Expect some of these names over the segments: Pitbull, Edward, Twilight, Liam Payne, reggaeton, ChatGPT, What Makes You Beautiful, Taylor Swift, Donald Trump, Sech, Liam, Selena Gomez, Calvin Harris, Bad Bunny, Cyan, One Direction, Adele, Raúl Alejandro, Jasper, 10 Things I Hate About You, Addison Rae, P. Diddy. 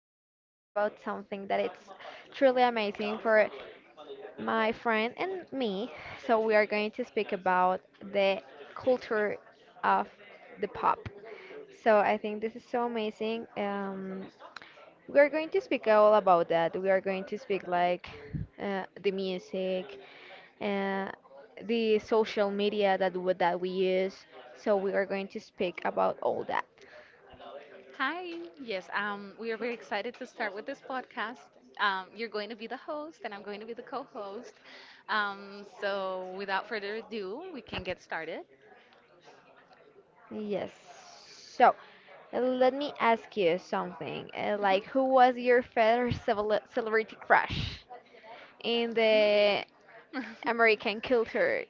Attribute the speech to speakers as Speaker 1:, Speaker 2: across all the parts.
Speaker 1: going to speak about something that it's truly amazing for my friend and me. So we are going to speak about the culture of the pop. So I think this is so amazing. We are going to speak all about that. We are going to speak like the music, uh, the social media that that we use. So we are going to speak about all that.
Speaker 2: Hi. Yes, we are very excited to start with this podcast. You're going to be the host, and I'm going to be the co-host. Without further ado, we can get started.
Speaker 1: Yes. So, let me ask you something.
Speaker 2: Mhm.
Speaker 1: Like, who was your first celebrity crush in
Speaker 2: Mm.
Speaker 1: the American culture,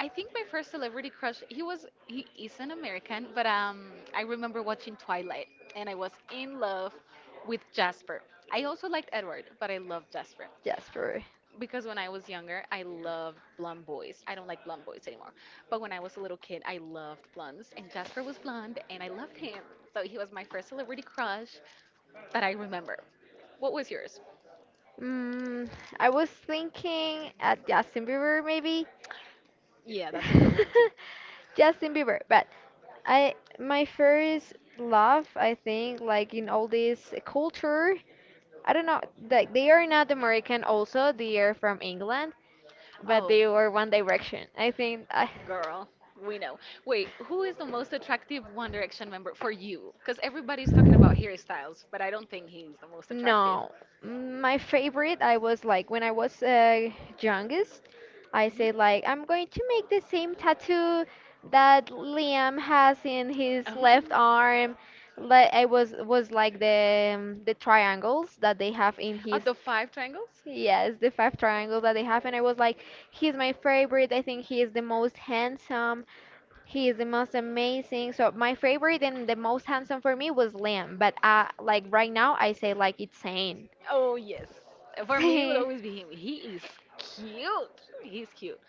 Speaker 2: I think my first celebrity crush, he is an American, but I remember watching Twilight, and I was in love with Jasper. I also liked Edward, but I loved Jasper.
Speaker 1: Jasper?
Speaker 2: Because when I was younger, I loved blonde boys. I don't like blonde boys anymore. But when I was a little kid, I loved blondes. And Jasper was blonde, and I loved him. So he was my first celebrity crush that I remember. What was yours?
Speaker 1: Mm, I was thinking at Justin Bieber, maybe.
Speaker 2: Yeah, that's a good one, too.
Speaker 1: Justin Bieber, but I my first love, I think, like in all this culture, I don't know, like they are not American also, they are from England, but
Speaker 2: Oh,
Speaker 1: they were One Direction. I think I
Speaker 2: girl, we know. Wait, who is the most attractive One Direction member for you? Because everybody's talking about Harry Styles, but I don't think he's the most attractive.
Speaker 1: no, my favorite I was like when I was youngest, I
Speaker 2: hmm
Speaker 1: said like I'm going to make the same tattoo that Liam has in his
Speaker 2: Oh.
Speaker 1: left arm. Like I was like the triangles that they have in his
Speaker 2: Out of five triangles?
Speaker 1: yes, the five triangles that they have, and I was like he's my favorite. I think he is the most handsome. He is the most amazing. So my favorite and the most handsome for me was Liam, but like right now I say like it's Zane.
Speaker 2: Oh yes, for me it would
Speaker 1: Zane,
Speaker 2: always be him. He is cute. He's cute.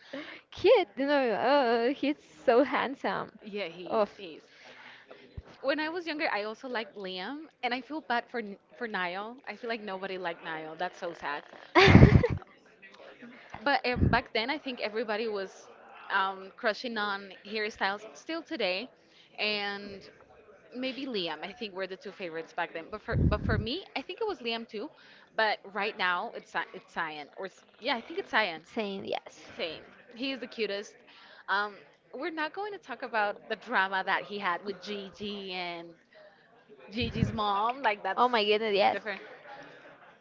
Speaker 1: cute, you know, he's so handsome.
Speaker 2: Yeah, he
Speaker 1: Oh.
Speaker 2: is. He is. When I was younger, I also liked Liam, and I feel bad for for Niall. I feel like nobody liked Niall. That's so sad. But back then, I think everybody was crushing on Harry Styles. Still today, and maybe Liam. I think we're the two favorites back then. But for me, I think it was Liam too. But right now, it's it's Cyan or yeah, I think it's Cyan.
Speaker 1: Saying yes.
Speaker 2: Same. He is the cutest. Um, we're not going to talk about the drama that he had with Gigi and Gigi's mom. Like, that's
Speaker 1: Oh my goodness, yes.
Speaker 2: different.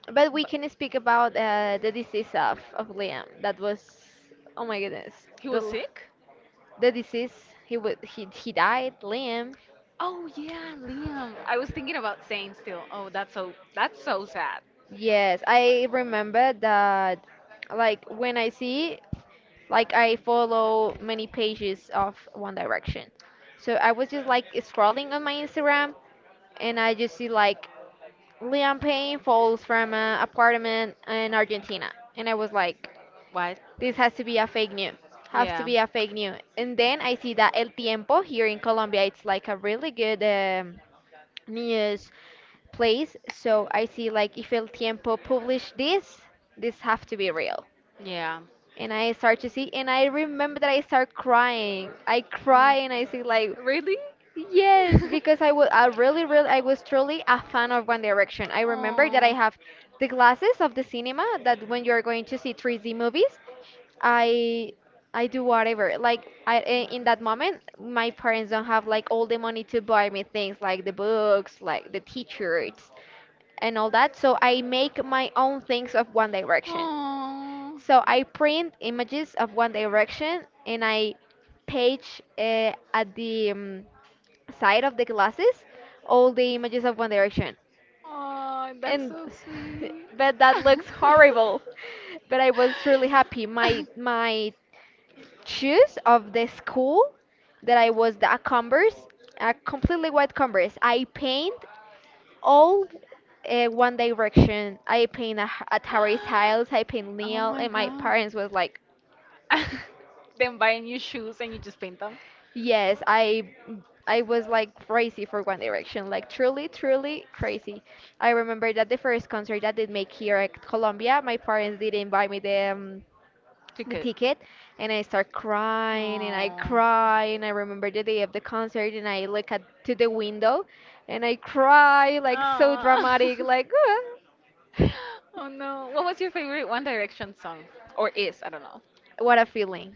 Speaker 1: But we can speak about the disease of Liam. That was, oh my goodness,
Speaker 2: He
Speaker 1: the
Speaker 2: was
Speaker 1: l-
Speaker 2: sick.
Speaker 1: the disease he died, Liam.
Speaker 2: Oh yeah, Liam. I was thinking about same still. Oh, that's that's so sad.
Speaker 1: Yes, I remember that. Like when I see, like I follow many pages of One Direction, so I was just like scrolling on my Instagram, and I just see like Liam Payne falls from an apartment in Argentina. And I was like,
Speaker 2: What?
Speaker 1: this has to be a fake news. Has to
Speaker 2: Yeah.
Speaker 1: be a fake news. And then I see that El Tiempo here in Colombia, it's like a really good news place. So I see like if El Tiempo published this, this have to be real.
Speaker 2: Yeah.
Speaker 1: And I start to see, and I remember that I start crying. I cry
Speaker 2: Mm.
Speaker 1: and I say like,
Speaker 2: Really?
Speaker 1: yes, because I was I really, really, I was truly a fan of One Direction. I remember that I
Speaker 2: Oh.
Speaker 1: have the glasses of the cinema that when you are going to see 3D movies, I I do whatever. Like in that moment, my parents don't have like all the money to buy me things like the books, like the t-shirts and all that. So I make my own things of One Direction.
Speaker 2: Oh.
Speaker 1: So I print images of One Direction and I page at the side of the glasses all the images of One Direction.
Speaker 2: Oh, that's
Speaker 1: And
Speaker 2: so sweet.
Speaker 1: but that looks horrible. But I was really happy. My shoes of the school that I was the a Converse, a completely white Converse. I paint old One Direction. I paint a Harry Styles. I paint
Speaker 2: Oh
Speaker 1: Neil,
Speaker 2: my
Speaker 1: and my
Speaker 2: god.
Speaker 1: parents was like,
Speaker 2: Then buying new shoes and you just paint them?
Speaker 1: "Yes, I." I was like crazy for One Direction, like truly, truly crazy. I remember that the first concert that they make here at Colombia, my parents didn't buy me
Speaker 2: Took
Speaker 1: the
Speaker 2: it.
Speaker 1: ticket, and I start crying and I
Speaker 2: Oh.
Speaker 1: cry, and I remember the day of the concert, and I look at to the window and I cry like so dramatic,
Speaker 2: Oh.
Speaker 1: like
Speaker 2: Oh no. What was your favorite One Direction song? Or is, I don't know.
Speaker 1: what a feeling.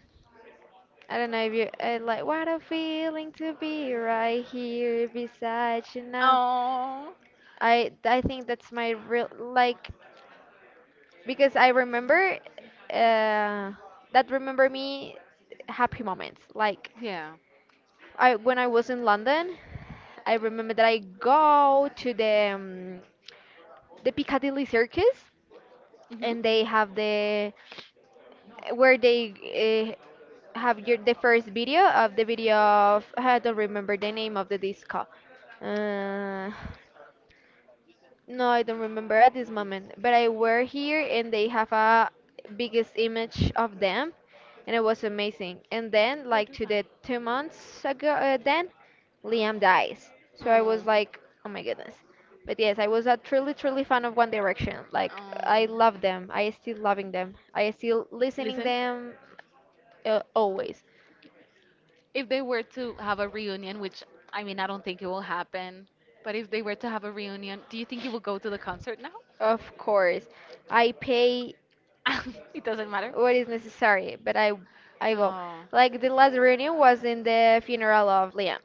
Speaker 1: I don't know if you like what a feeling to be right here beside you now.
Speaker 2: Oh.
Speaker 1: I think that's my real like because I remember uh that remember me happy moments. Like
Speaker 2: Yeah.
Speaker 1: I when I was in London, I remember that I go to the Piccadilly Circus,
Speaker 2: hmm
Speaker 1: and they have the where they have your the first video of the video of I don't remember the name of the disco. Uh, no, I don't remember at this moment. But I were here and they have a biggest image of them, and it was amazing. And then like to the 2 months ago, then Liam dies. So I was
Speaker 2: Mm.
Speaker 1: like, oh my goodness. But yes, I was a truly, truly fan of One Direction. Like I
Speaker 2: Um,
Speaker 1: love them. I still loving them. I still listening
Speaker 2: listen,
Speaker 1: them always.
Speaker 2: if they were to have a reunion, which I mean, I don't think it will happen, but if they were to have a reunion, do you think you would go to the concert now?
Speaker 1: Of course, I pay
Speaker 2: It doesn't matter.
Speaker 1: what is necessary, but I go.
Speaker 2: Oh,
Speaker 1: Like the last reunion was in the funeral of Liam,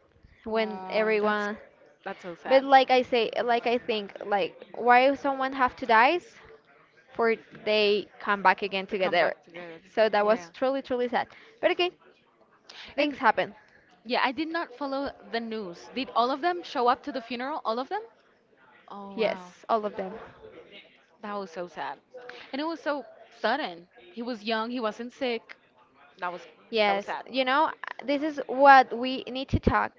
Speaker 1: when
Speaker 2: oh, that's
Speaker 1: everyone.
Speaker 2: that's so
Speaker 1: But
Speaker 2: sad
Speaker 1: like I say, like I think, like why someone have to dies for they come back again
Speaker 2: to come
Speaker 1: together.
Speaker 2: back together.
Speaker 1: So that
Speaker 2: Yeah.
Speaker 1: was truly, truly sad. But okay, things
Speaker 2: And
Speaker 1: happen.
Speaker 2: yeah, I did not follow the news. Did all of them show up to the funeral? All of them? Oh wow,
Speaker 1: Yes, all of them.
Speaker 2: that was so sad. And it was so sudden. He was young. He wasn't sick. That was that was
Speaker 1: Yes,
Speaker 2: sad.
Speaker 1: you know, this is what we need to talk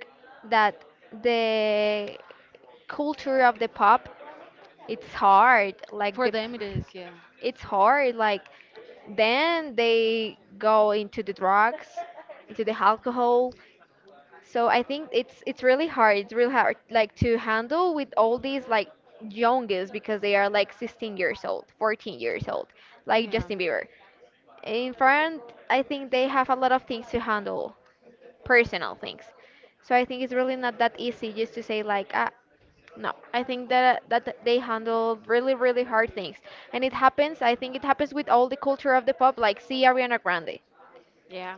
Speaker 1: that the culture of the pop, it's hard like
Speaker 2: For them, it is, yeah.
Speaker 1: it's hard like then they go into the drugs, into the alcohol. So I think it's really hard, it's really hard like to handle with all these like youngest, because they are like 16 years old, 14 years old, like
Speaker 2: Yeah.
Speaker 1: Justin Bieber in France. I think they have a lot of things to handle, personal things. So I think it's really not that easy just to say like, ah, no. I think that they handle really, really hard things, and it happens. I think it happens with all the culture of the pop, like see Ariana Grande,
Speaker 2: Yeah.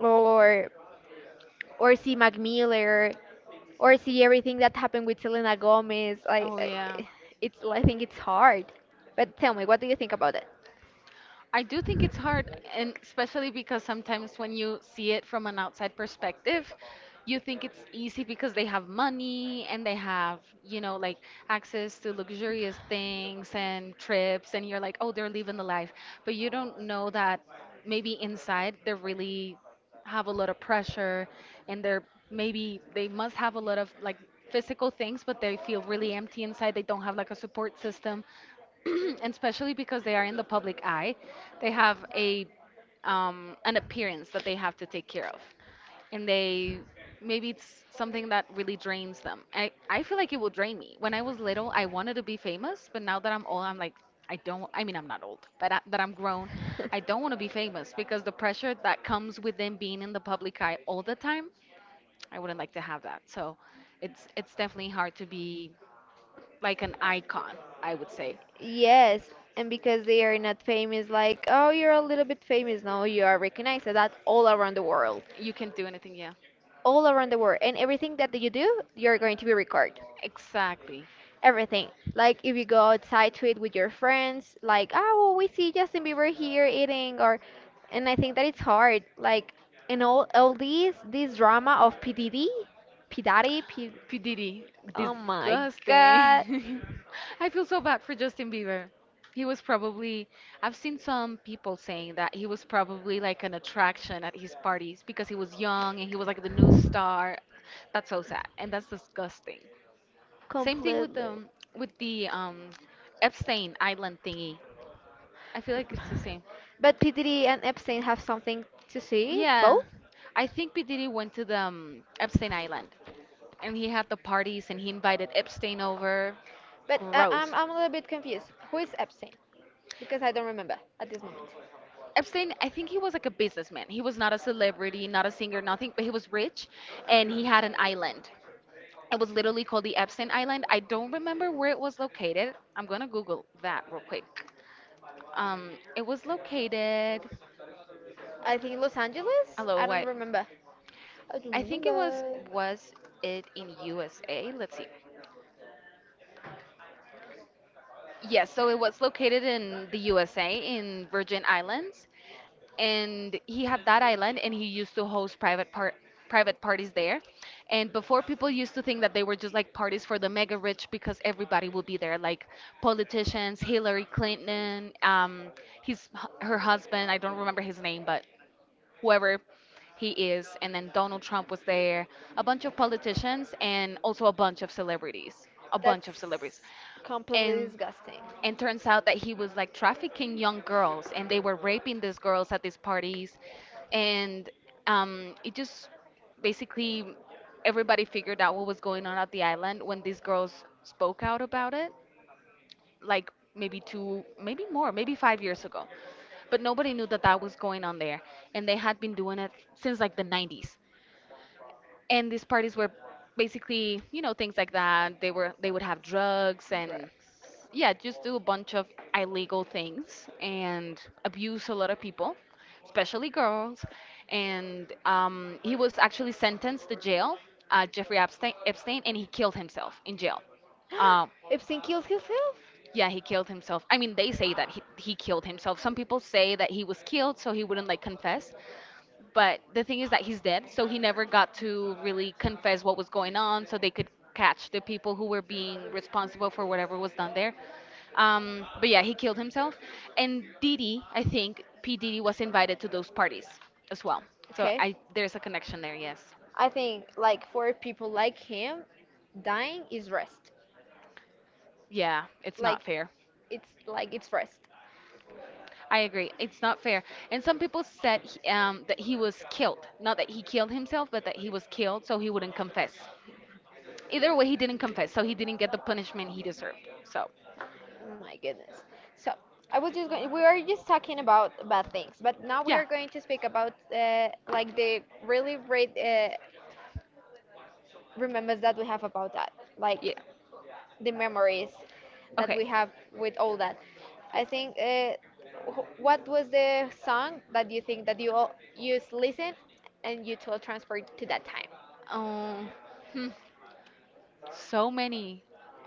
Speaker 1: or or see Mac Miller, or see everything that happened with Selena Gomez. Like,
Speaker 2: Oh, yeah.
Speaker 1: it's I think it's hard. But tell me, what do you think about it?
Speaker 2: I do think it's hard, and especially because sometimes when you see it from an outside perspective, you think it's easy because they have money and they have, you know, like access to luxurious things and trips, and you're like, oh, they're living the life. But you don't know that maybe inside they really have a lot of pressure, and they're maybe they must have a lot of like physical things, but they feel really empty inside. They don't have like a support system. And especially because they are in the public eye, they have a an appearance that they have to take care of, and they maybe it's something that really drains them. I feel like it will drain me. When I was little, I wanted to be famous, but now that I'm old, I'm like I don't. I mean, I'm not old, but that I'm grown, I don't want to be famous because the pressure that comes with them being in the public eye all the time, I wouldn't like to have that. So, it's definitely hard to be like an icon. I would say
Speaker 1: Yes, and because they are not famous, like, oh, you're a little bit famous. No, you are recognized. And that all around the world,
Speaker 2: you can do anything. Yeah.
Speaker 1: all around the world, and everything that you do, you're going to be recorded.
Speaker 2: Exactly.
Speaker 1: Everything. Like if you go outside to eat with your friends, like oh, we see Justin Bieber here eating, or and I think that it's hard. Like and all these this drama of PDD, PDD, P. Daddy, P.
Speaker 2: P. Diddy,
Speaker 1: Oh my God,
Speaker 2: disgusting. I feel so bad for Justin Bieber. He was probably, I've seen some people saying that he was probably like an attraction at his parties because he was young and he was like the new star. That's so sad and that's disgusting. Same thing with
Speaker 1: completely.
Speaker 2: the with the um, Epstein Island thingy. I feel like it's the same.
Speaker 1: But PDD and Epstein have something to see
Speaker 2: Yeah,
Speaker 1: both.
Speaker 2: I think P. Diddy went to the Epstein Island, and he had the parties and he invited Epstein over.
Speaker 1: But I'm
Speaker 2: Gross.
Speaker 1: a little bit confused. Who is Epstein? Because I don't remember at this moment.
Speaker 2: Epstein, I think he was like a businessman. He was not a celebrity, not a singer, nothing, but he was rich and he had an island. It was literally called the Epstein Island. I don't remember where it was located. I'm gonna Google that real quick. It was located.
Speaker 1: I think Los Angeles.
Speaker 2: Hello,
Speaker 1: I don't
Speaker 2: why?
Speaker 1: remember. I
Speaker 2: I
Speaker 1: don't
Speaker 2: think it
Speaker 1: remember.
Speaker 2: was it in USA? Let's see. Yes, so it was located in the USA, in Virgin Islands, and he had that island and he used to host private parties there. And before, people used to think that they were just like parties for the mega rich because everybody would be there, like politicians, Hillary Clinton, his her husband, I don't remember his name, but whoever he is, and then Donald Trump was there, a bunch of politicians and also a bunch of celebrities,
Speaker 1: That's completely
Speaker 2: and
Speaker 1: disgusting.
Speaker 2: turns out that he was like trafficking young girls and they were raping these girls at these parties. And it just basically everybody figured out what was going on at the island when these girls spoke out about it, like maybe two, maybe more, maybe 5 years ago. But nobody knew that that was going on there. And they had been doing it since like the 90s. And these parties were basically, you know, things like that. They were they would have drugs and
Speaker 1: Drugs.
Speaker 2: yeah, just do a bunch of illegal things and abuse a lot of people, especially girls. And he was actually sentenced to jail, Jeffrey Epstein, and he killed himself in jail. Uh,
Speaker 1: Epstein kills himself?
Speaker 2: yeah, he killed himself. I mean, they say that he, killed himself. Some people say that he was killed so he wouldn't like confess, but the thing is that he's dead, so he never got to really confess what was going on, so they could catch the people who were being responsible for whatever was done there. But yeah, he killed himself. And Didi, I think P Diddy was invited to those parties as well. So
Speaker 1: Okay.
Speaker 2: I there's a connection there, yes.
Speaker 1: I think like for people like him, dying is rest.
Speaker 2: Yeah, it's not
Speaker 1: Like
Speaker 2: fair.
Speaker 1: like it's rest.
Speaker 2: I agree. It's not fair. And some people said that he was killed. Not that he killed himself, but that he was killed so he wouldn't confess. Either way, he didn't confess, so he didn't get the punishment he deserved. So
Speaker 1: Oh my goodness. So I was just going. We are just talking about bad things, but now we
Speaker 2: yeah.
Speaker 1: are going to speak about like the really great remembers that we have about that. Like
Speaker 2: Yeah.
Speaker 1: the memories that
Speaker 2: Okay.
Speaker 1: we have with all that.
Speaker 2: Yes.
Speaker 1: I think what was the song that you think that you listen and you will transport to that time?
Speaker 2: Um. Hmm. So many.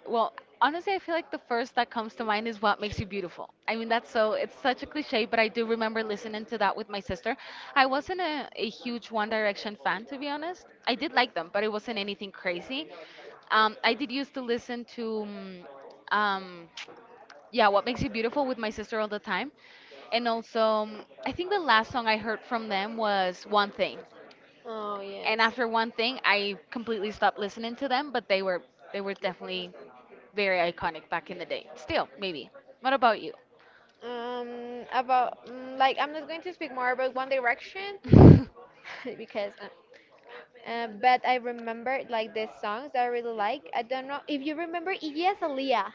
Speaker 2: Well, honestly, I feel like the first that comes to mind is What Makes You Beautiful. I mean, that's so, it's such a cliche, but I do remember listening to that with my sister. I wasn't a huge One Direction fan, to be honest. I did like them, but it wasn't anything crazy. I did used to listen to, um, yeah, What Makes You Beautiful with my sister all the time. And also, I think the last song I heard from them was One Thing,
Speaker 1: Oh
Speaker 2: and
Speaker 1: yes.
Speaker 2: after One Thing, I completely stopped listening to them. But they were definitely very iconic back in the day. Still, maybe. What about you?
Speaker 1: About mm, like I'm not going to speak more about One Direction because but I remember like the songs that I really like. I don't know if you remember Iggy Azalea.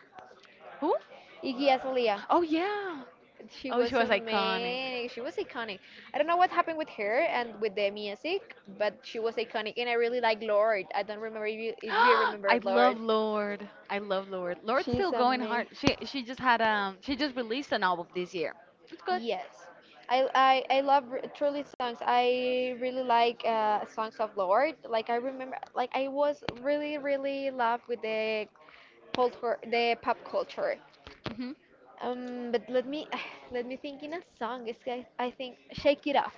Speaker 2: Who?
Speaker 1: Iggy Azalea.
Speaker 2: Oh yeah.
Speaker 1: She
Speaker 2: Oh, she
Speaker 1: was
Speaker 2: was iconic.
Speaker 1: amazing. She was iconic. I don't know what happened with her and with the music, but she was iconic. And I really like Lord. I don't remember if you remember
Speaker 2: I love
Speaker 1: Lord.
Speaker 2: Lord. I love Lord. Lord's
Speaker 1: She's
Speaker 2: still going
Speaker 1: amazing.
Speaker 2: hard. She just had she just released an album this year. It's good.
Speaker 1: Yes. I love truly songs. I really like songs of Lord. Like I remember, like I was really, really love with the culture, the pop culture.
Speaker 2: Mhm.
Speaker 1: But let me let me think in a song. It's I think Shake It Off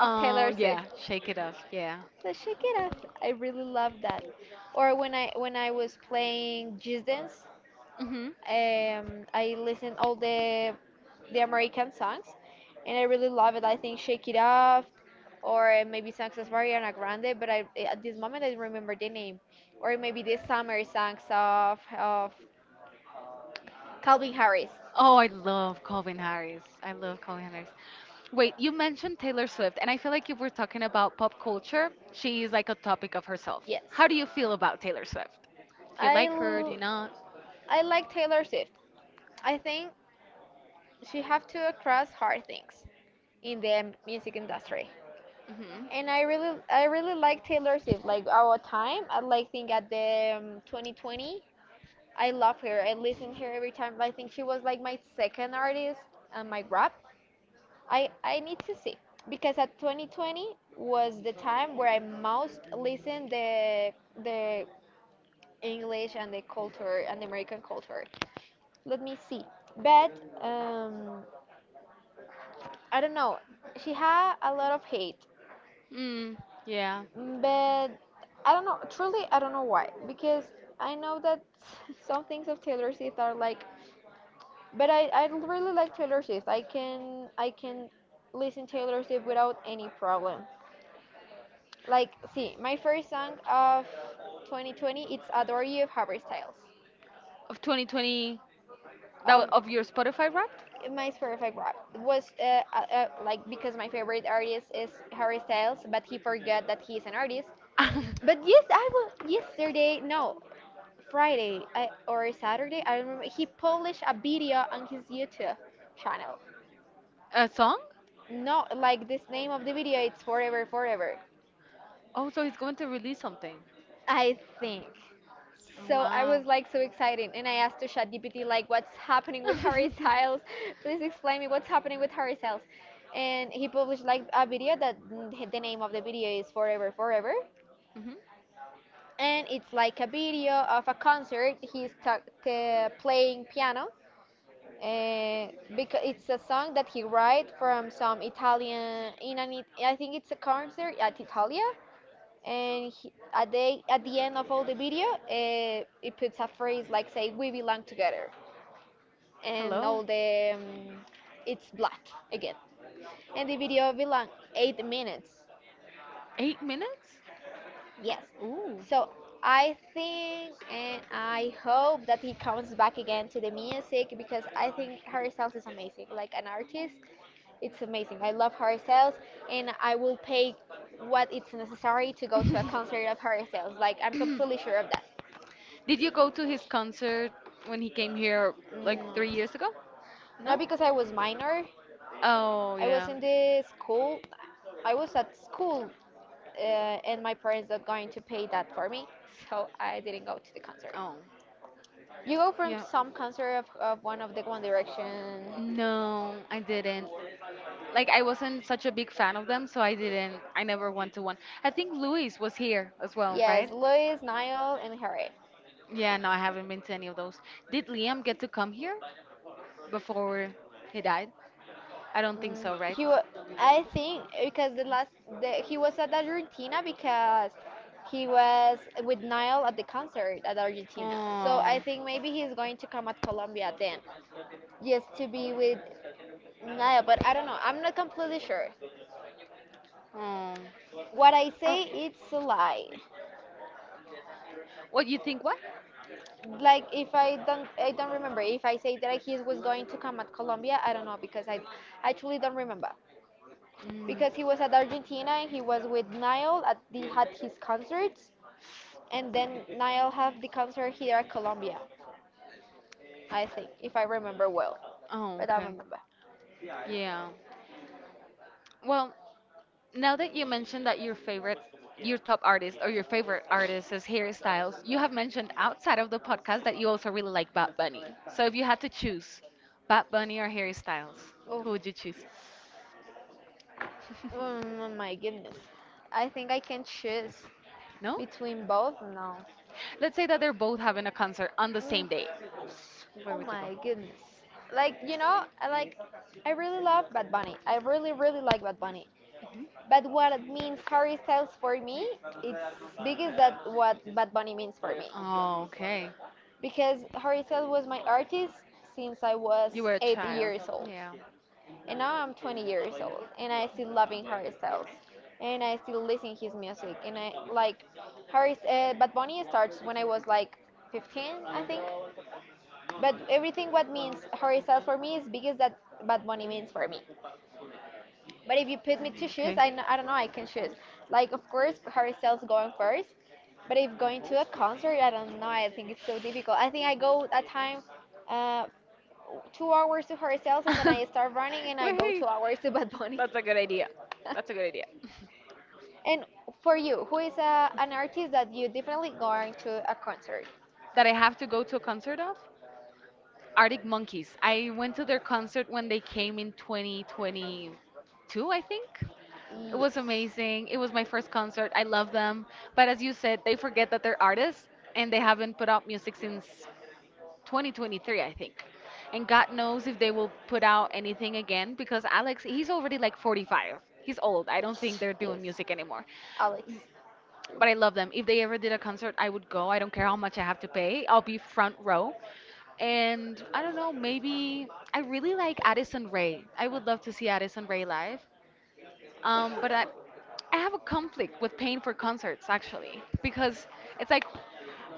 Speaker 1: of Taylor Swift.
Speaker 2: yeah, Shake It Off. Yeah.
Speaker 1: The shakeras, I really love that. Or when I was playing jazz dance,
Speaker 2: Mhm.
Speaker 1: I listen all the American songs, and I really love it. I think Shake It Off, or maybe songs as Mariana Grande, but I at this moment I don't remember the name, or maybe the summer songs of Calvin Harris.
Speaker 2: Oh, I love Calvin Harris. I love Calvin Harris. Wait, you mentioned Taylor Swift, and I feel like if we're talking about pop culture, she is like a topic of herself.
Speaker 1: Yes,
Speaker 2: How do you feel about Taylor Swift? Do you
Speaker 1: I
Speaker 2: like her? Do you
Speaker 1: l-
Speaker 2: not?
Speaker 1: I like Taylor Swift. I think she have to cross hard things in the music industry.
Speaker 2: hmm
Speaker 1: And I really, I really like Taylor Swift. Like our time, I like think at the 2020, I love her. I listen to her every time. I think she was like my second artist and my rap. I need to see because at 2020 was the time where I most listened the English and the culture and the American culture. Let me see, but um I don't know. She had a lot of hate.
Speaker 2: Mm, yeah.
Speaker 1: But I don't know, truly, I don't know why. Because I know that some things of Taylor Swift are like, but I really like Taylor Swift. I can listen Taylor Swift without any problem. Like, see, my first song of 2020, it's "Adore You" of Harry Styles.
Speaker 2: Of 2020,
Speaker 1: Of
Speaker 2: of your Spotify Wrapped?
Speaker 1: my perfect rap was like because my favorite artist is Harry Styles, but he forgot that he's an artist. But yes, I was yesterday. No, Friday I, or Saturday, I don't remember, he published a video on his YouTube channel.
Speaker 2: A song?
Speaker 1: No, like this name of the video, it's Forever Forever,
Speaker 2: Oh, so he's going to release something.
Speaker 1: I think.
Speaker 2: Oh,
Speaker 1: So I
Speaker 2: wow.
Speaker 1: was like so excited, and I asked to ChatGPT like, "What's happening with Harry Styles? Please explain me what's happening with Harry Styles." And he published like a video that the name of the video is "Forever, Forever,"
Speaker 2: hmm
Speaker 1: and it's like a video of a concert. He's playing piano. Uh, because it's a song that he write from some Italian in an I think it's a concert at Italia, and he, at the end of all the video, it puts a phrase like say we belong together, and all
Speaker 2: Hello.
Speaker 1: the it's black again, and the video belong 8 minutes.
Speaker 2: 8 minutes?
Speaker 1: Yes. So I think and I hope that he comes back again to the music because I think Harry Styles is amazing. Like an artist, it's amazing. I love Harry Styles and I will pay what it's necessary to go to a
Speaker 2: Ooh.
Speaker 1: concert of Harry Styles. Like I'm completely sure of that.
Speaker 2: Did you go to his concert when he came here like three
Speaker 1: Mm.
Speaker 2: years ago?
Speaker 1: Not
Speaker 2: No?
Speaker 1: because I was minor.
Speaker 2: Oh,
Speaker 1: I was
Speaker 2: yeah.
Speaker 1: in the school. I was at school, and my parents not going to pay that for me, so I didn't go to the concert.
Speaker 2: Oh,
Speaker 1: You go from
Speaker 2: yeah.
Speaker 1: some concert of one of the One Direction.
Speaker 2: No, I didn't. Like, I wasn't such a big fan of them, so I didn't. I never went to one. I think Luis was here as well,
Speaker 1: Yes,
Speaker 2: right?
Speaker 1: Louis, Niall, and Harry.
Speaker 2: Yeah, no, I haven't been to any of those. Did Liam get to come here before he died? I don't think
Speaker 1: Mm,
Speaker 2: so, right?
Speaker 1: he, wa- I think, because he was at Argentina because he was with Niall at the concert at Argentina. So
Speaker 2: Oh.
Speaker 1: I think maybe he's going to come at Colombia then. Yes, to be with Niall, but I don't know. I'm not completely sure.
Speaker 2: Oh.
Speaker 1: What I
Speaker 2: Oh.
Speaker 1: say, it's a lie.
Speaker 2: What you think? What?
Speaker 1: Like if I don't, I don't remember if I say that he was going to come at Colombia, I don't know because I truly don't remember
Speaker 2: Mm.
Speaker 1: because he was at Argentina and he was with Niall at the had his concerts, and then Niall had the concert here at Colombia, I think, if I remember well,
Speaker 2: Oh,
Speaker 1: but I don't
Speaker 2: okay.
Speaker 1: remember.
Speaker 2: Yeah. Well, now that you mentioned that your favorite your top artist or your favorite artist is Harry Styles, you have mentioned outside of the podcast that you also really like Bad Bunny. So if you had to choose Bad Bunny or Harry Styles,
Speaker 1: Oof.
Speaker 2: who would you choose?
Speaker 1: Mm, oh my goodness, I think I can choose
Speaker 2: No?
Speaker 1: between both, no.
Speaker 2: Let's say that they're both having a concert on the
Speaker 1: Mm.
Speaker 2: same day. Where
Speaker 1: Oh
Speaker 2: would you go?
Speaker 1: my goodness. Like, you know, I like, I really love Bad Bunny. I really like Bad Bunny.
Speaker 2: Mhm.
Speaker 1: But what it means Harry Styles for me, it's biggest that what Bad Bunny means for me.
Speaker 2: Oh, okay.
Speaker 1: Because Harry Styles was my artist since I was
Speaker 2: You were a
Speaker 1: 8
Speaker 2: child.
Speaker 1: years old.
Speaker 2: Yeah.
Speaker 1: And now I'm 20 years old and I still loving Harry Styles. And I still listen his music and I like Harry, Bad Bunny starts when I was like 15, I think, but everything what means horizontal for me is because that bad Bunny means for me. But if you put me
Speaker 2: Mm,
Speaker 1: to choose,
Speaker 2: okay.
Speaker 1: I, I don't know, I can choose. Like, of course, Harry Styles going first. But if going to a concert, I don't know, I think it's so difficult. I think I go a time, uh, 2 hours to Harry Styles and then I start running and I go
Speaker 2: Wait,
Speaker 1: 2 hours to bad Bunny.
Speaker 2: that's a good idea. That's a good idea.
Speaker 1: And for you, who is a, an artist that you definitely going to a concert?
Speaker 2: That I have to go to a concert of? Arctic Monkeys. I went to their concert when they came in 2022, I think. It
Speaker 1: Yes,
Speaker 2: was amazing. It was my first concert. I love them. But as you said, they forget that they're artists and they haven't put out music since 2023, I think. And God knows if they will put out anything again because Alex, he's already like 45. He's old. I don't think they're
Speaker 1: yes,
Speaker 2: doing music anymore.
Speaker 1: Alex.
Speaker 2: But I love them. If they ever did a concert, I would go. I don't care how much I have to pay. I'll be front row. And I don't know, maybe I really like Addison Rae. I would love to see Addison Rae live. Um, but I, I have a conflict with paying for concerts actually because it's like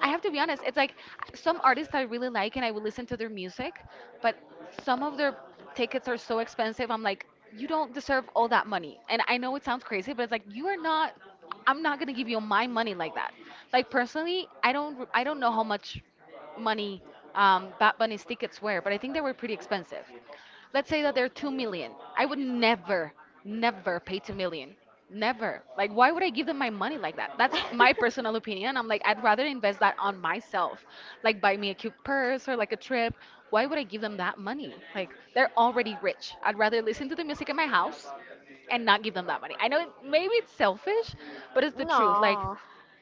Speaker 2: I have to be honest. It's like some artists I really like and I will listen to their music, but some of their tickets are so expensive. I'm like, you don't deserve all that money. And I know it sounds crazy, but it's like you are not. I'm not gonna give you my money like that. Like personally, I don't know how much money Bad Bunny's tickets were, but I think they were pretty expensive. Let's say that they're 2 million. I would never, never pay 2 million. Never. Like, why would I give them my money like that? That's my personal opinion. I'm like, I'd rather invest that on myself, like buy me a cute purse or like a trip. Why would I give them that money? Like, they're already rich. I'd rather listen to the music in my house and not give them that money. I know it, maybe it's selfish, but it's the truth. Like,
Speaker 1: No,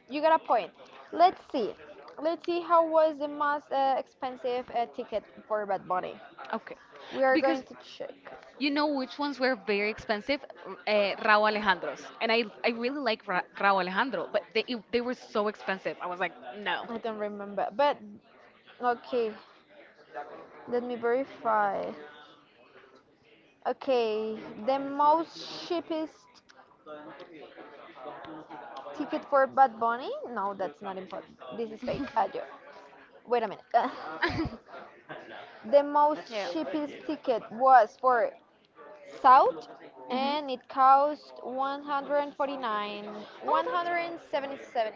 Speaker 1: you got a point. Let's see. Let's see how was the most expensive ticket for Bad Bunny.
Speaker 2: okay.
Speaker 1: We are
Speaker 2: Because
Speaker 1: going to check.
Speaker 2: you know which ones were very expensive? Rao Alejandro's. And I really like Ra Rao Alejandro, but they were so expensive. I was like, no.
Speaker 1: I don't remember, but okay. Let me verify. Okay, the most cheapest ticket for Bad Bunny? No, that's not important. This is fake. Ah, yeah. Wait a minute. The
Speaker 2: Yeah.
Speaker 1: most cheapest ticket was for South,
Speaker 2: Hmm.
Speaker 1: and it cost 149,
Speaker 2: Oh,
Speaker 1: 177.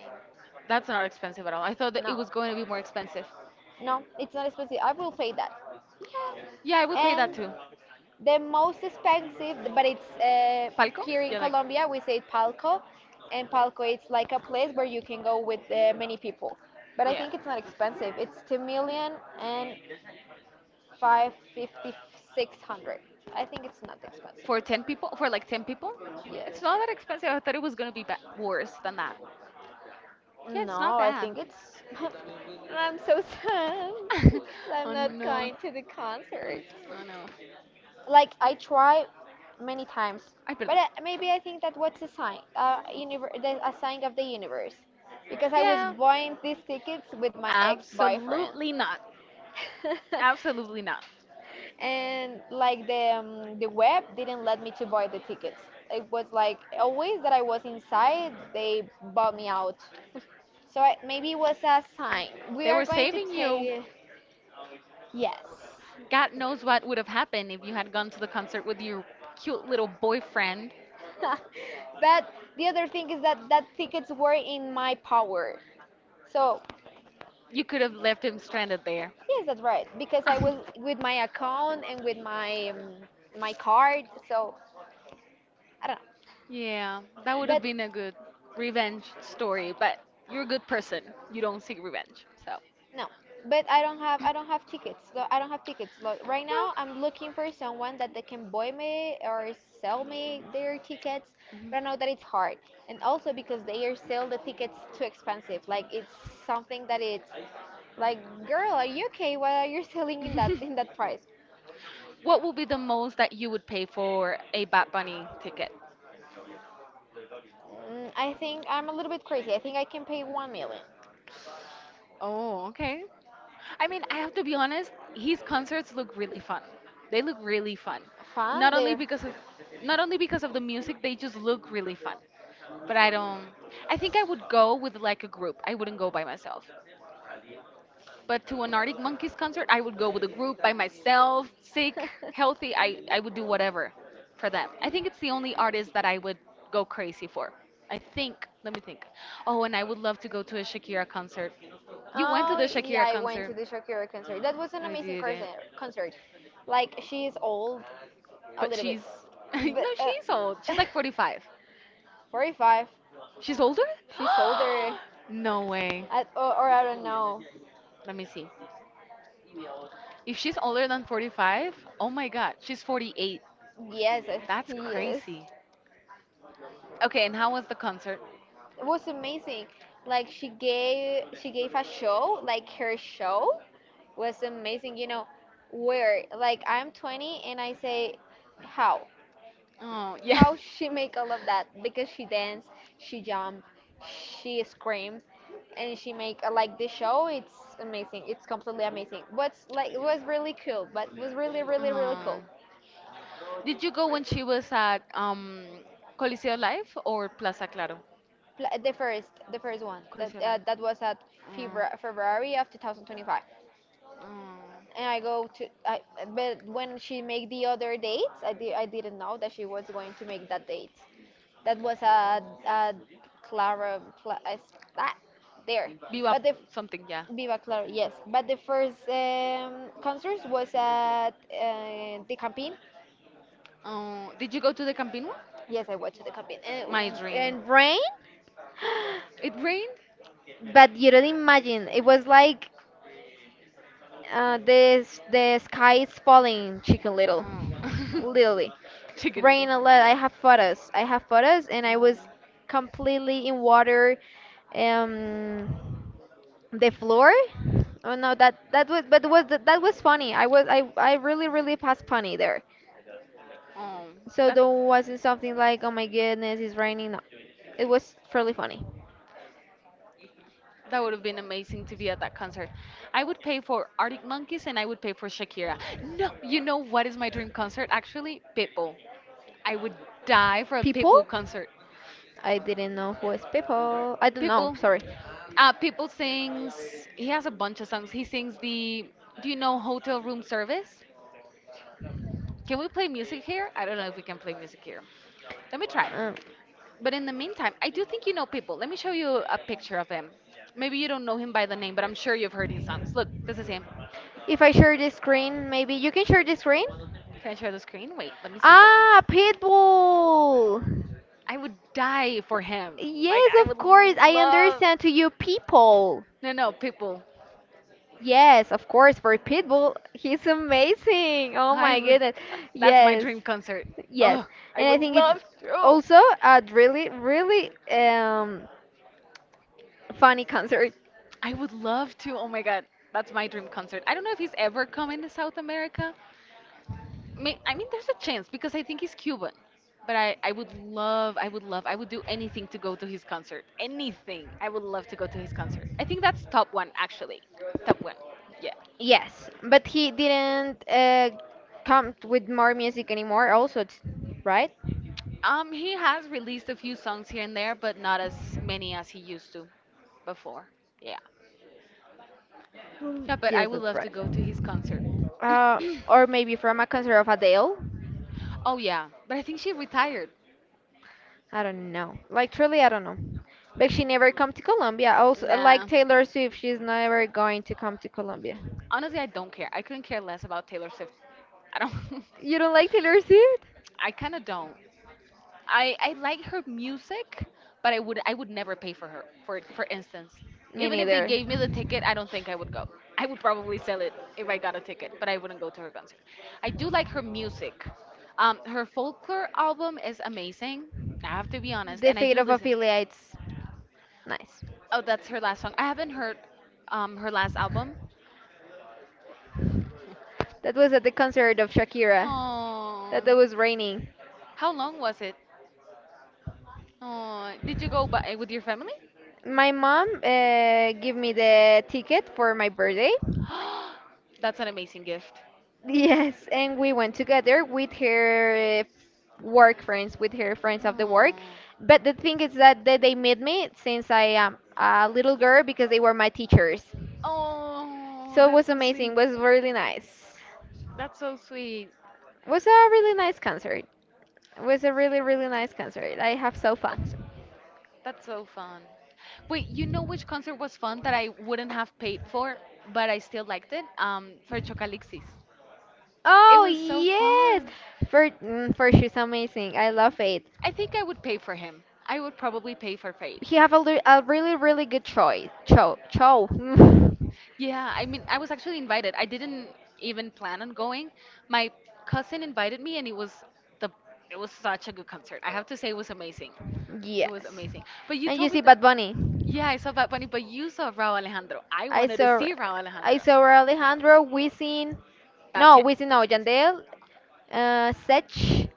Speaker 2: that's not expensive at all. I thought that it
Speaker 1: No,
Speaker 2: was going to be more expensive.
Speaker 1: no, it's not expensive. I will pay that.
Speaker 2: Yeah. Yeah, I would pay that
Speaker 1: And
Speaker 2: too.
Speaker 1: the most expensive, but it's,
Speaker 2: Palco?
Speaker 1: here in
Speaker 2: Yeah, like,
Speaker 1: Colombia. We say palco, and palco it's like a place where you can go with, many people. But I
Speaker 2: yeah.
Speaker 1: think it's not expensive. It's two million and Five fifty six hundred. I think it's not expensive.
Speaker 2: For 10 people, for like 10 people, it's not that
Speaker 1: Yes.
Speaker 2: expensive. I thought it was going to worse than that. Yeah, it's not
Speaker 1: No, I
Speaker 2: bad.
Speaker 1: think it's I'm so sad because I'm
Speaker 2: Oh
Speaker 1: not
Speaker 2: no.
Speaker 1: going to the concert.
Speaker 2: Oh no.
Speaker 1: Like I try many times
Speaker 2: Ay,
Speaker 1: but,
Speaker 2: perdón.
Speaker 1: maybe I think that what's a sign, a sign of the universe, because I was
Speaker 2: Yeah.
Speaker 1: buying these tickets with my ex-boyfriend.
Speaker 2: Absolutely not. Absolutely not.
Speaker 1: And like the web didn't let me to buy the tickets. It was like always that I was inside, they bought me out. So I, maybe it was a sign we
Speaker 2: They
Speaker 1: are
Speaker 2: were
Speaker 1: going to
Speaker 2: saving you.
Speaker 1: take, yes.
Speaker 2: God knows what would have happened if you had gone to the concert with your cute little boyfriend.
Speaker 1: But the other thing is that that tickets were in my power, so
Speaker 2: You could have left him stranded there.
Speaker 1: yes, that's right because I was with my account and with my my card, so I don't know.
Speaker 2: Yeah, that would have
Speaker 1: But
Speaker 2: been a good revenge story, but you're a good person. You don't seek revenge, so.
Speaker 1: no, but I don't have, I don't have tickets. So I don't have tickets. Right
Speaker 2: Yeah.
Speaker 1: now, I'm looking for someone that they can buy me or sell me their tickets.
Speaker 2: Mhm.
Speaker 1: But I know that it's hard, and also because they are sell the tickets too expensive. Like it's something that it's like, girl, are you okay? Why are you selling in that in that price?
Speaker 2: What would be the most that you would pay for a Bat Bunny ticket?
Speaker 1: Mm, I think I'm a little bit crazy. I think I can pay 1,000,000.
Speaker 2: Oh, okay. I mean, I have to be honest, his concerts look really fun. They look really fun. Not
Speaker 1: Fun
Speaker 2: only
Speaker 1: there.
Speaker 2: because of Not only because of the music, they just look really fun. But I don't I think I would go with like a group. I wouldn't go by myself. But to an Arctic Monkeys concert, I would go with a group by myself, sick, healthy. I would do whatever for them. I think it's the only artist that I would go crazy for. I think. Let me think. Oh, and I would love to go to a Shakira concert. You went to the
Speaker 1: Oh yeah,
Speaker 2: Shakira
Speaker 1: I went
Speaker 2: concert.
Speaker 1: to the Shakira concert. That was an
Speaker 2: I
Speaker 1: amazing concert.
Speaker 2: didn't.
Speaker 1: Concert, like she is old a
Speaker 2: But
Speaker 1: little bit.
Speaker 2: she's no,
Speaker 1: But,
Speaker 2: she's old. She's like 45.
Speaker 1: 45.
Speaker 2: She's older?
Speaker 1: She's older.
Speaker 2: No way.
Speaker 1: I, or, I don't know.
Speaker 2: Let me see. If she's older than 45, oh my god, she's 48.
Speaker 1: Yes,
Speaker 2: That's
Speaker 1: yes.
Speaker 2: crazy. Okay, and how was the concert?
Speaker 1: It was amazing. Like she gave a show. Like her show was amazing. You know where? Like I'm 20 and I say how
Speaker 2: Oh, yeah.
Speaker 1: how she make all of that because she dance, she jump, she screams, and she make, like the show. It's amazing. It's completely amazing. What's like was really cool, but was really
Speaker 2: Oh.
Speaker 1: cool.
Speaker 2: Did you go when she was at Coliseo Life or Plaza Claro?
Speaker 1: The first one that,
Speaker 2: Coliseo Life.
Speaker 1: that was at
Speaker 2: Mm.
Speaker 1: February February of 2025.
Speaker 2: Mm.
Speaker 1: And I go to, I, but when she make the other dates, I, I didn't know that she was going to make that date. That was a Clara, ah, there.
Speaker 2: Viva
Speaker 1: But the
Speaker 2: something, yeah.
Speaker 1: Viva Claro, yes. But the first concert was at, the campin.
Speaker 2: Oh, did you go to the Campino?
Speaker 1: Yes, I watched the campin.
Speaker 2: My dream.
Speaker 1: And Rain?
Speaker 2: It rained?
Speaker 1: But you don't imagine. It was like, this the sky is falling, Chicken Little.
Speaker 2: Oh.
Speaker 1: Literally.
Speaker 2: Chicken.
Speaker 1: Rain a lot. I have photos. I have photos, and I was
Speaker 2: Oh.
Speaker 1: completely in water. Um, the floor. Oh no, that that was, but was that was funny. I was I really passed funny there.
Speaker 2: Oh.
Speaker 1: So though wasn't something like, oh my goodness, it's raining. No, it was fairly funny.
Speaker 2: That would have been amazing to be at that concert. I would pay for Arctic Monkeys and I would pay for Shakira. No, you know what is my dream concert? Actually, Pitbull. I would die for a
Speaker 1: People?
Speaker 2: Pitbull concert.
Speaker 1: I didn't know who is people. I don't know.
Speaker 2: Pitbull,
Speaker 1: Sorry.
Speaker 2: Pitbull sings. He has a bunch of songs. He sings the. Do you know Hotel Room Service? Can we play music here? I don't know if we can play music here. Let me try.
Speaker 1: Um,
Speaker 2: But in the meantime, I do think you know Pitbull. Let me show you a picture of him. Maybe you don't know him by the name, but I'm sure you've heard his songs. Look, this is him.
Speaker 1: if I share the screen, maybe you can share the screen.
Speaker 2: Can I share the screen? Wait, let me
Speaker 1: Ah, pitbull.
Speaker 2: I would die for him. Like
Speaker 1: Yes,
Speaker 2: I would
Speaker 1: of course. I
Speaker 2: love.
Speaker 1: understand to you, people.
Speaker 2: No, no, people.
Speaker 1: Yes, of course. For Pitbull, he's amazing. Oh
Speaker 2: I
Speaker 1: my
Speaker 2: would.
Speaker 1: goodness.
Speaker 2: That's my
Speaker 1: Yes,
Speaker 2: dream concert.
Speaker 1: yes.
Speaker 2: Oh, I
Speaker 1: And
Speaker 2: would
Speaker 1: I think it's
Speaker 2: love to.
Speaker 1: also a really funny concert.
Speaker 2: I would love to. Oh my God, that's my dream concert. I don't know if he's ever coming to South America. May, I mean, there's a chance because I think he's Cuban. I would love, I would love, I would do anything to go to his concert. Anything. I would love to go to his concert. I think that's top one, actually. Top one. Yeah.
Speaker 1: Yes, but he didn't, come with more music anymore, also, it's, right?
Speaker 2: He has released a few songs here and there, but not as many as he used to before. Yeah.
Speaker 1: Mm.
Speaker 2: Yeah, but I
Speaker 1: Yes,
Speaker 2: would
Speaker 1: that's
Speaker 2: love to
Speaker 1: right.
Speaker 2: go to his concert.
Speaker 1: Uh, or maybe from a concert of Adele.
Speaker 2: Oh yeah, but I think she retired.
Speaker 1: I don't know. Like, truly, I don't know. But she never come to Colombia. Also, like
Speaker 2: Nah,
Speaker 1: Taylor Swift, she's never going to come to Colombia.
Speaker 2: honestly, I don't care. I couldn't care less about Taylor Swift. I don't.
Speaker 1: You don't like Taylor Swift?
Speaker 2: I kind of don't. I like her music, but I would never pay for her. For instance,
Speaker 1: Me
Speaker 2: even if they
Speaker 1: neither.
Speaker 2: gave me the ticket, I don't think I would go. I would probably sell it if I got a ticket, but I wouldn't go to her concert. I do like her music. Her folklore album is amazing. I have to be honest,
Speaker 1: The
Speaker 2: and I
Speaker 1: Fate
Speaker 2: do
Speaker 1: of
Speaker 2: listen.
Speaker 1: affiliates. Nice.
Speaker 2: Oh, that's her last song. I haven't heard her last album.
Speaker 1: That was at the concert of Shakira.
Speaker 2: Oh,
Speaker 1: That it was raining.
Speaker 2: how long was it? Oh, did you go by with your family?
Speaker 1: My mom, gave me the ticket for my birthday.
Speaker 2: That's an amazing gift.
Speaker 1: Yes, and we went together with her, work friends, with her friends of the work.
Speaker 2: Hmm.
Speaker 1: But the thing is that they met me since I am a little girl because they were my teachers.
Speaker 2: Oh,
Speaker 1: So it
Speaker 2: that's
Speaker 1: was
Speaker 2: so
Speaker 1: amazing,
Speaker 2: sweet.
Speaker 1: was really nice.
Speaker 2: That's so sweet.
Speaker 1: Was a really nice concert. Was a really nice concert. I have so
Speaker 2: Oh, so-
Speaker 1: fun.
Speaker 2: that's so fun. Wait, you know which concert was fun that I wouldn't have paid for, but I still liked it? For Chocalixis. It
Speaker 1: Oh
Speaker 2: was so
Speaker 1: yes,
Speaker 2: fun.
Speaker 1: for mm, for she's amazing. I love it.
Speaker 2: I think I would pay for him. I would probably pay for Fate.
Speaker 1: He have a, a really good choice. Cho Cho.
Speaker 2: Yeah, I mean, I was actually invited. I didn't even plan on going. My cousin invited me, and it was the it was such a good concert. I have to say, it was amazing. It was
Speaker 1: Yes.
Speaker 2: amazing. But you
Speaker 1: And you
Speaker 2: told me
Speaker 1: see Bad Bunny.
Speaker 2: Yeah, I saw Bad Bunny, but you saw Raúl Alejandro. I
Speaker 1: I
Speaker 2: wanted to
Speaker 1: saw
Speaker 2: see Raúl
Speaker 1: I
Speaker 2: Alejandro.
Speaker 1: saw Alejandro Wisin.
Speaker 2: That's
Speaker 1: No,
Speaker 2: it.
Speaker 1: Wisin no, Yandel. Sech,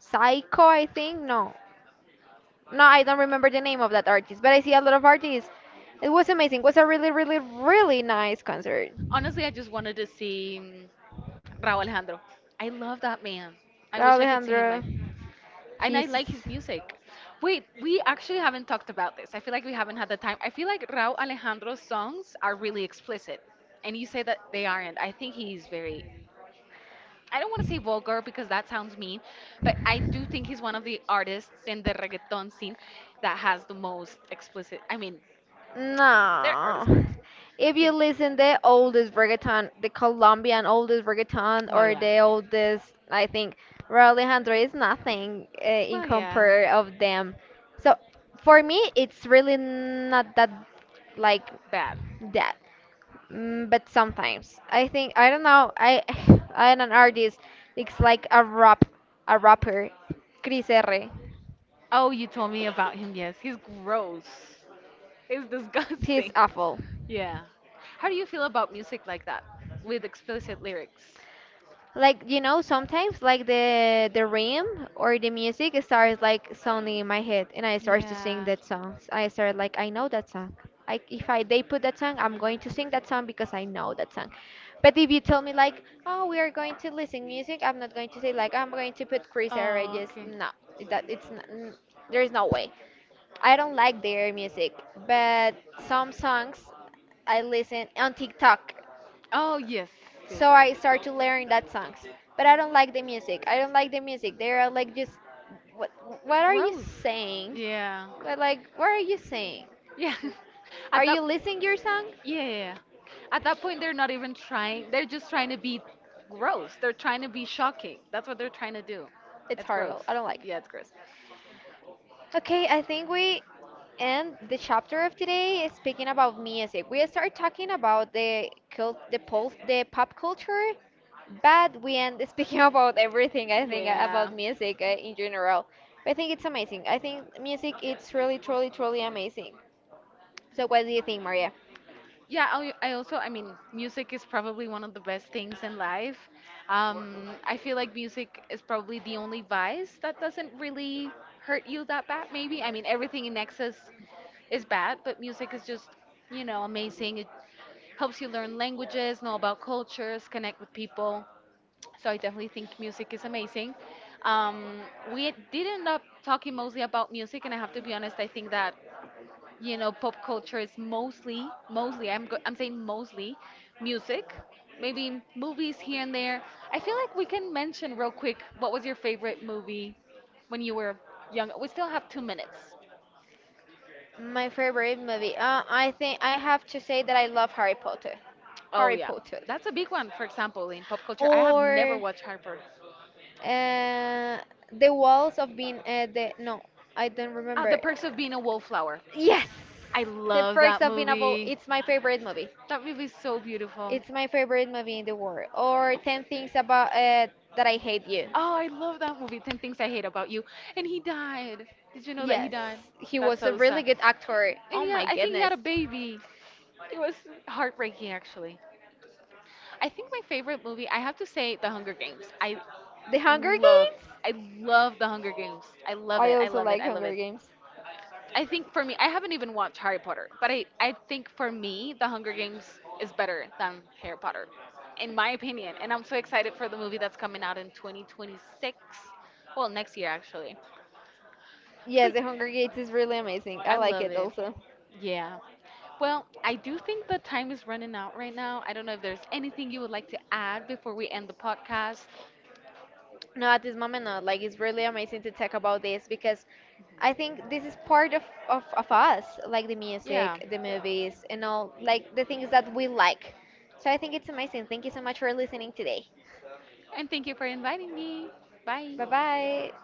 Speaker 1: Psycho, I think. No, No, I don't remember the name of that artist, but I see a lot of artists. It was amazing. It was a really nice concert.
Speaker 2: Honestly, I just wanted to see Raúl Alejandro. I love that man. I wish I could see him
Speaker 1: Alejandro,
Speaker 2: live. And I
Speaker 1: he's
Speaker 2: like his music. Wait, we actually haven't talked about this. I feel like we haven't had the time. I feel like Raúl Alejandro's songs are really explicit. And you say that they aren't. I think he's very I don't want to say vulgar because that sounds mean, but I do think he's one of the artists in the reggaeton scene that has the most explicit. I mean, they're
Speaker 1: No.
Speaker 2: artists of artists.
Speaker 1: If you listen the oldest reggaeton, the Colombian oldest reggaeton,
Speaker 2: Well,
Speaker 1: or
Speaker 2: yeah.
Speaker 1: the oldest, I think Raúl Alejandro is nothing, in
Speaker 2: Well, yeah,
Speaker 1: compare of them. So for me, it's really not that like
Speaker 2: bad.
Speaker 1: that. Mm, but sometimes I think I don't know. I I'm an artist. It's like a rap, a rapper, Chris R.
Speaker 2: Oh, you told me about him. Yes, he's gross. He's
Speaker 1: He's
Speaker 2: disgusting.
Speaker 1: awful.
Speaker 2: Yeah. How do you feel about music like that with explicit lyrics?
Speaker 1: Like you know, sometimes like the rim or the music starts like sounding in my head, and I start to sing
Speaker 2: Yeah.
Speaker 1: that song. I start like I know that song. Like if I they put that song, I'm going to sing that song because I know that song. But if you tell me like, oh, we are going to listen music, I'm not going to say like I'm going to put Chris
Speaker 2: Oh,
Speaker 1: Reyes.
Speaker 2: okay.
Speaker 1: No, that it's not, there is no way. I don't like their music, but some songs I listen on TikTok.
Speaker 2: Oh yes, yes,
Speaker 1: So I
Speaker 2: yes.
Speaker 1: start to learn that songs. But I don't like the music. I don't like the music. They are like just what what are you
Speaker 2: Gross.
Speaker 1: saying?
Speaker 2: Yeah.
Speaker 1: But like what are you saying?
Speaker 2: Yeah.
Speaker 1: Are
Speaker 2: At that
Speaker 1: you listening your song?
Speaker 2: Yeah, yeah, yeah. At that point they're not even trying. They're just trying to be gross. They're trying to be shocking. That's what they're trying to do.
Speaker 1: It's
Speaker 2: It's gross.
Speaker 1: horrible. I don't like.
Speaker 2: Yeah, it's gross.
Speaker 1: Okay, I think we end the chapter of today is speaking about music. We start talking about the cult, the pulse, the pop culture, but we end speaking about everything. I think,
Speaker 2: Yeah.
Speaker 1: about music, in general. I think it's amazing. I think music it's really, truly amazing. So, what do you think, Maria?
Speaker 2: Yeah, I also, I mean, music is probably one of the best things in life. I feel like music is probably the only vice that doesn't really hurt you that bad, maybe. I mean, everything in excess is bad, but music is just, you know, amazing. It helps you learn languages, know about cultures, connect with people. So I definitely think music is amazing. Um, we did end up talking mostly about music, and I have to be honest, I think that you know pop culture is mostly I'm saying mostly music, maybe movies here and there. I feel like we can mention real quick, what was your favorite movie when you were young? We still have 2 minutes.
Speaker 1: My favorite movie. I think I have to say that I love Harry Potter.
Speaker 2: Oh
Speaker 1: Harry
Speaker 2: yeah.
Speaker 1: Potter.
Speaker 2: That's a big one. For example, in pop culture I have never
Speaker 1: Or
Speaker 2: watched Harper
Speaker 1: Uh, the walls of being, the no, I don't
Speaker 2: the
Speaker 1: remember.
Speaker 2: Perks of Being a Wallflower.
Speaker 1: Yes,
Speaker 2: I
Speaker 1: the
Speaker 2: love
Speaker 1: perks
Speaker 2: that
Speaker 1: of being a able.
Speaker 2: movie.
Speaker 1: It's my favorite movie.
Speaker 2: That movie is so beautiful.
Speaker 1: It's my favorite movie in the world. Or ten things about, that I hate you.
Speaker 2: Oh, I love that movie, 10 Things I Hate About You. And he died. Did you know that he
Speaker 1: Yes,
Speaker 2: died?
Speaker 1: he
Speaker 2: That's
Speaker 1: was a
Speaker 2: so
Speaker 1: really
Speaker 2: sad.
Speaker 1: good actor.
Speaker 2: And
Speaker 1: Oh
Speaker 2: he had,
Speaker 1: my
Speaker 2: I think he
Speaker 1: goodness.
Speaker 2: had a baby. It was heartbreaking, actually. I think my favorite movie, I have to say, The Hunger Games.
Speaker 1: The Hunger
Speaker 2: Love,
Speaker 1: Games.
Speaker 2: I love The Hunger Games. I love
Speaker 1: I
Speaker 2: it. I
Speaker 1: also
Speaker 2: love it.
Speaker 1: like
Speaker 2: I love
Speaker 1: Hunger
Speaker 2: it.
Speaker 1: Games.
Speaker 2: I think for me, I haven't even watched Harry Potter, but I think for me, The Hunger Games is better than Harry Potter, in my opinion. And I'm so excited for the movie that's coming out in 2026. Well, next year, actually.
Speaker 1: Yes,
Speaker 2: But
Speaker 1: the Hunger Games is really amazing. I
Speaker 2: I
Speaker 1: like
Speaker 2: love
Speaker 1: it
Speaker 2: it.
Speaker 1: also.
Speaker 2: Yeah. Well, I do think the time is running out right now. I don't know if there's anything you would like to add before we end the podcast.
Speaker 1: No, at this moment, not. Like, it's really amazing to talk about this because I think this is part of, of us, like the
Speaker 2: Yeah.
Speaker 1: music, the movies, and all, like the things that we like. So I think it's amazing. Thank you so much for listening today.
Speaker 2: And thank you for inviting me. Bye.
Speaker 1: Bye bye.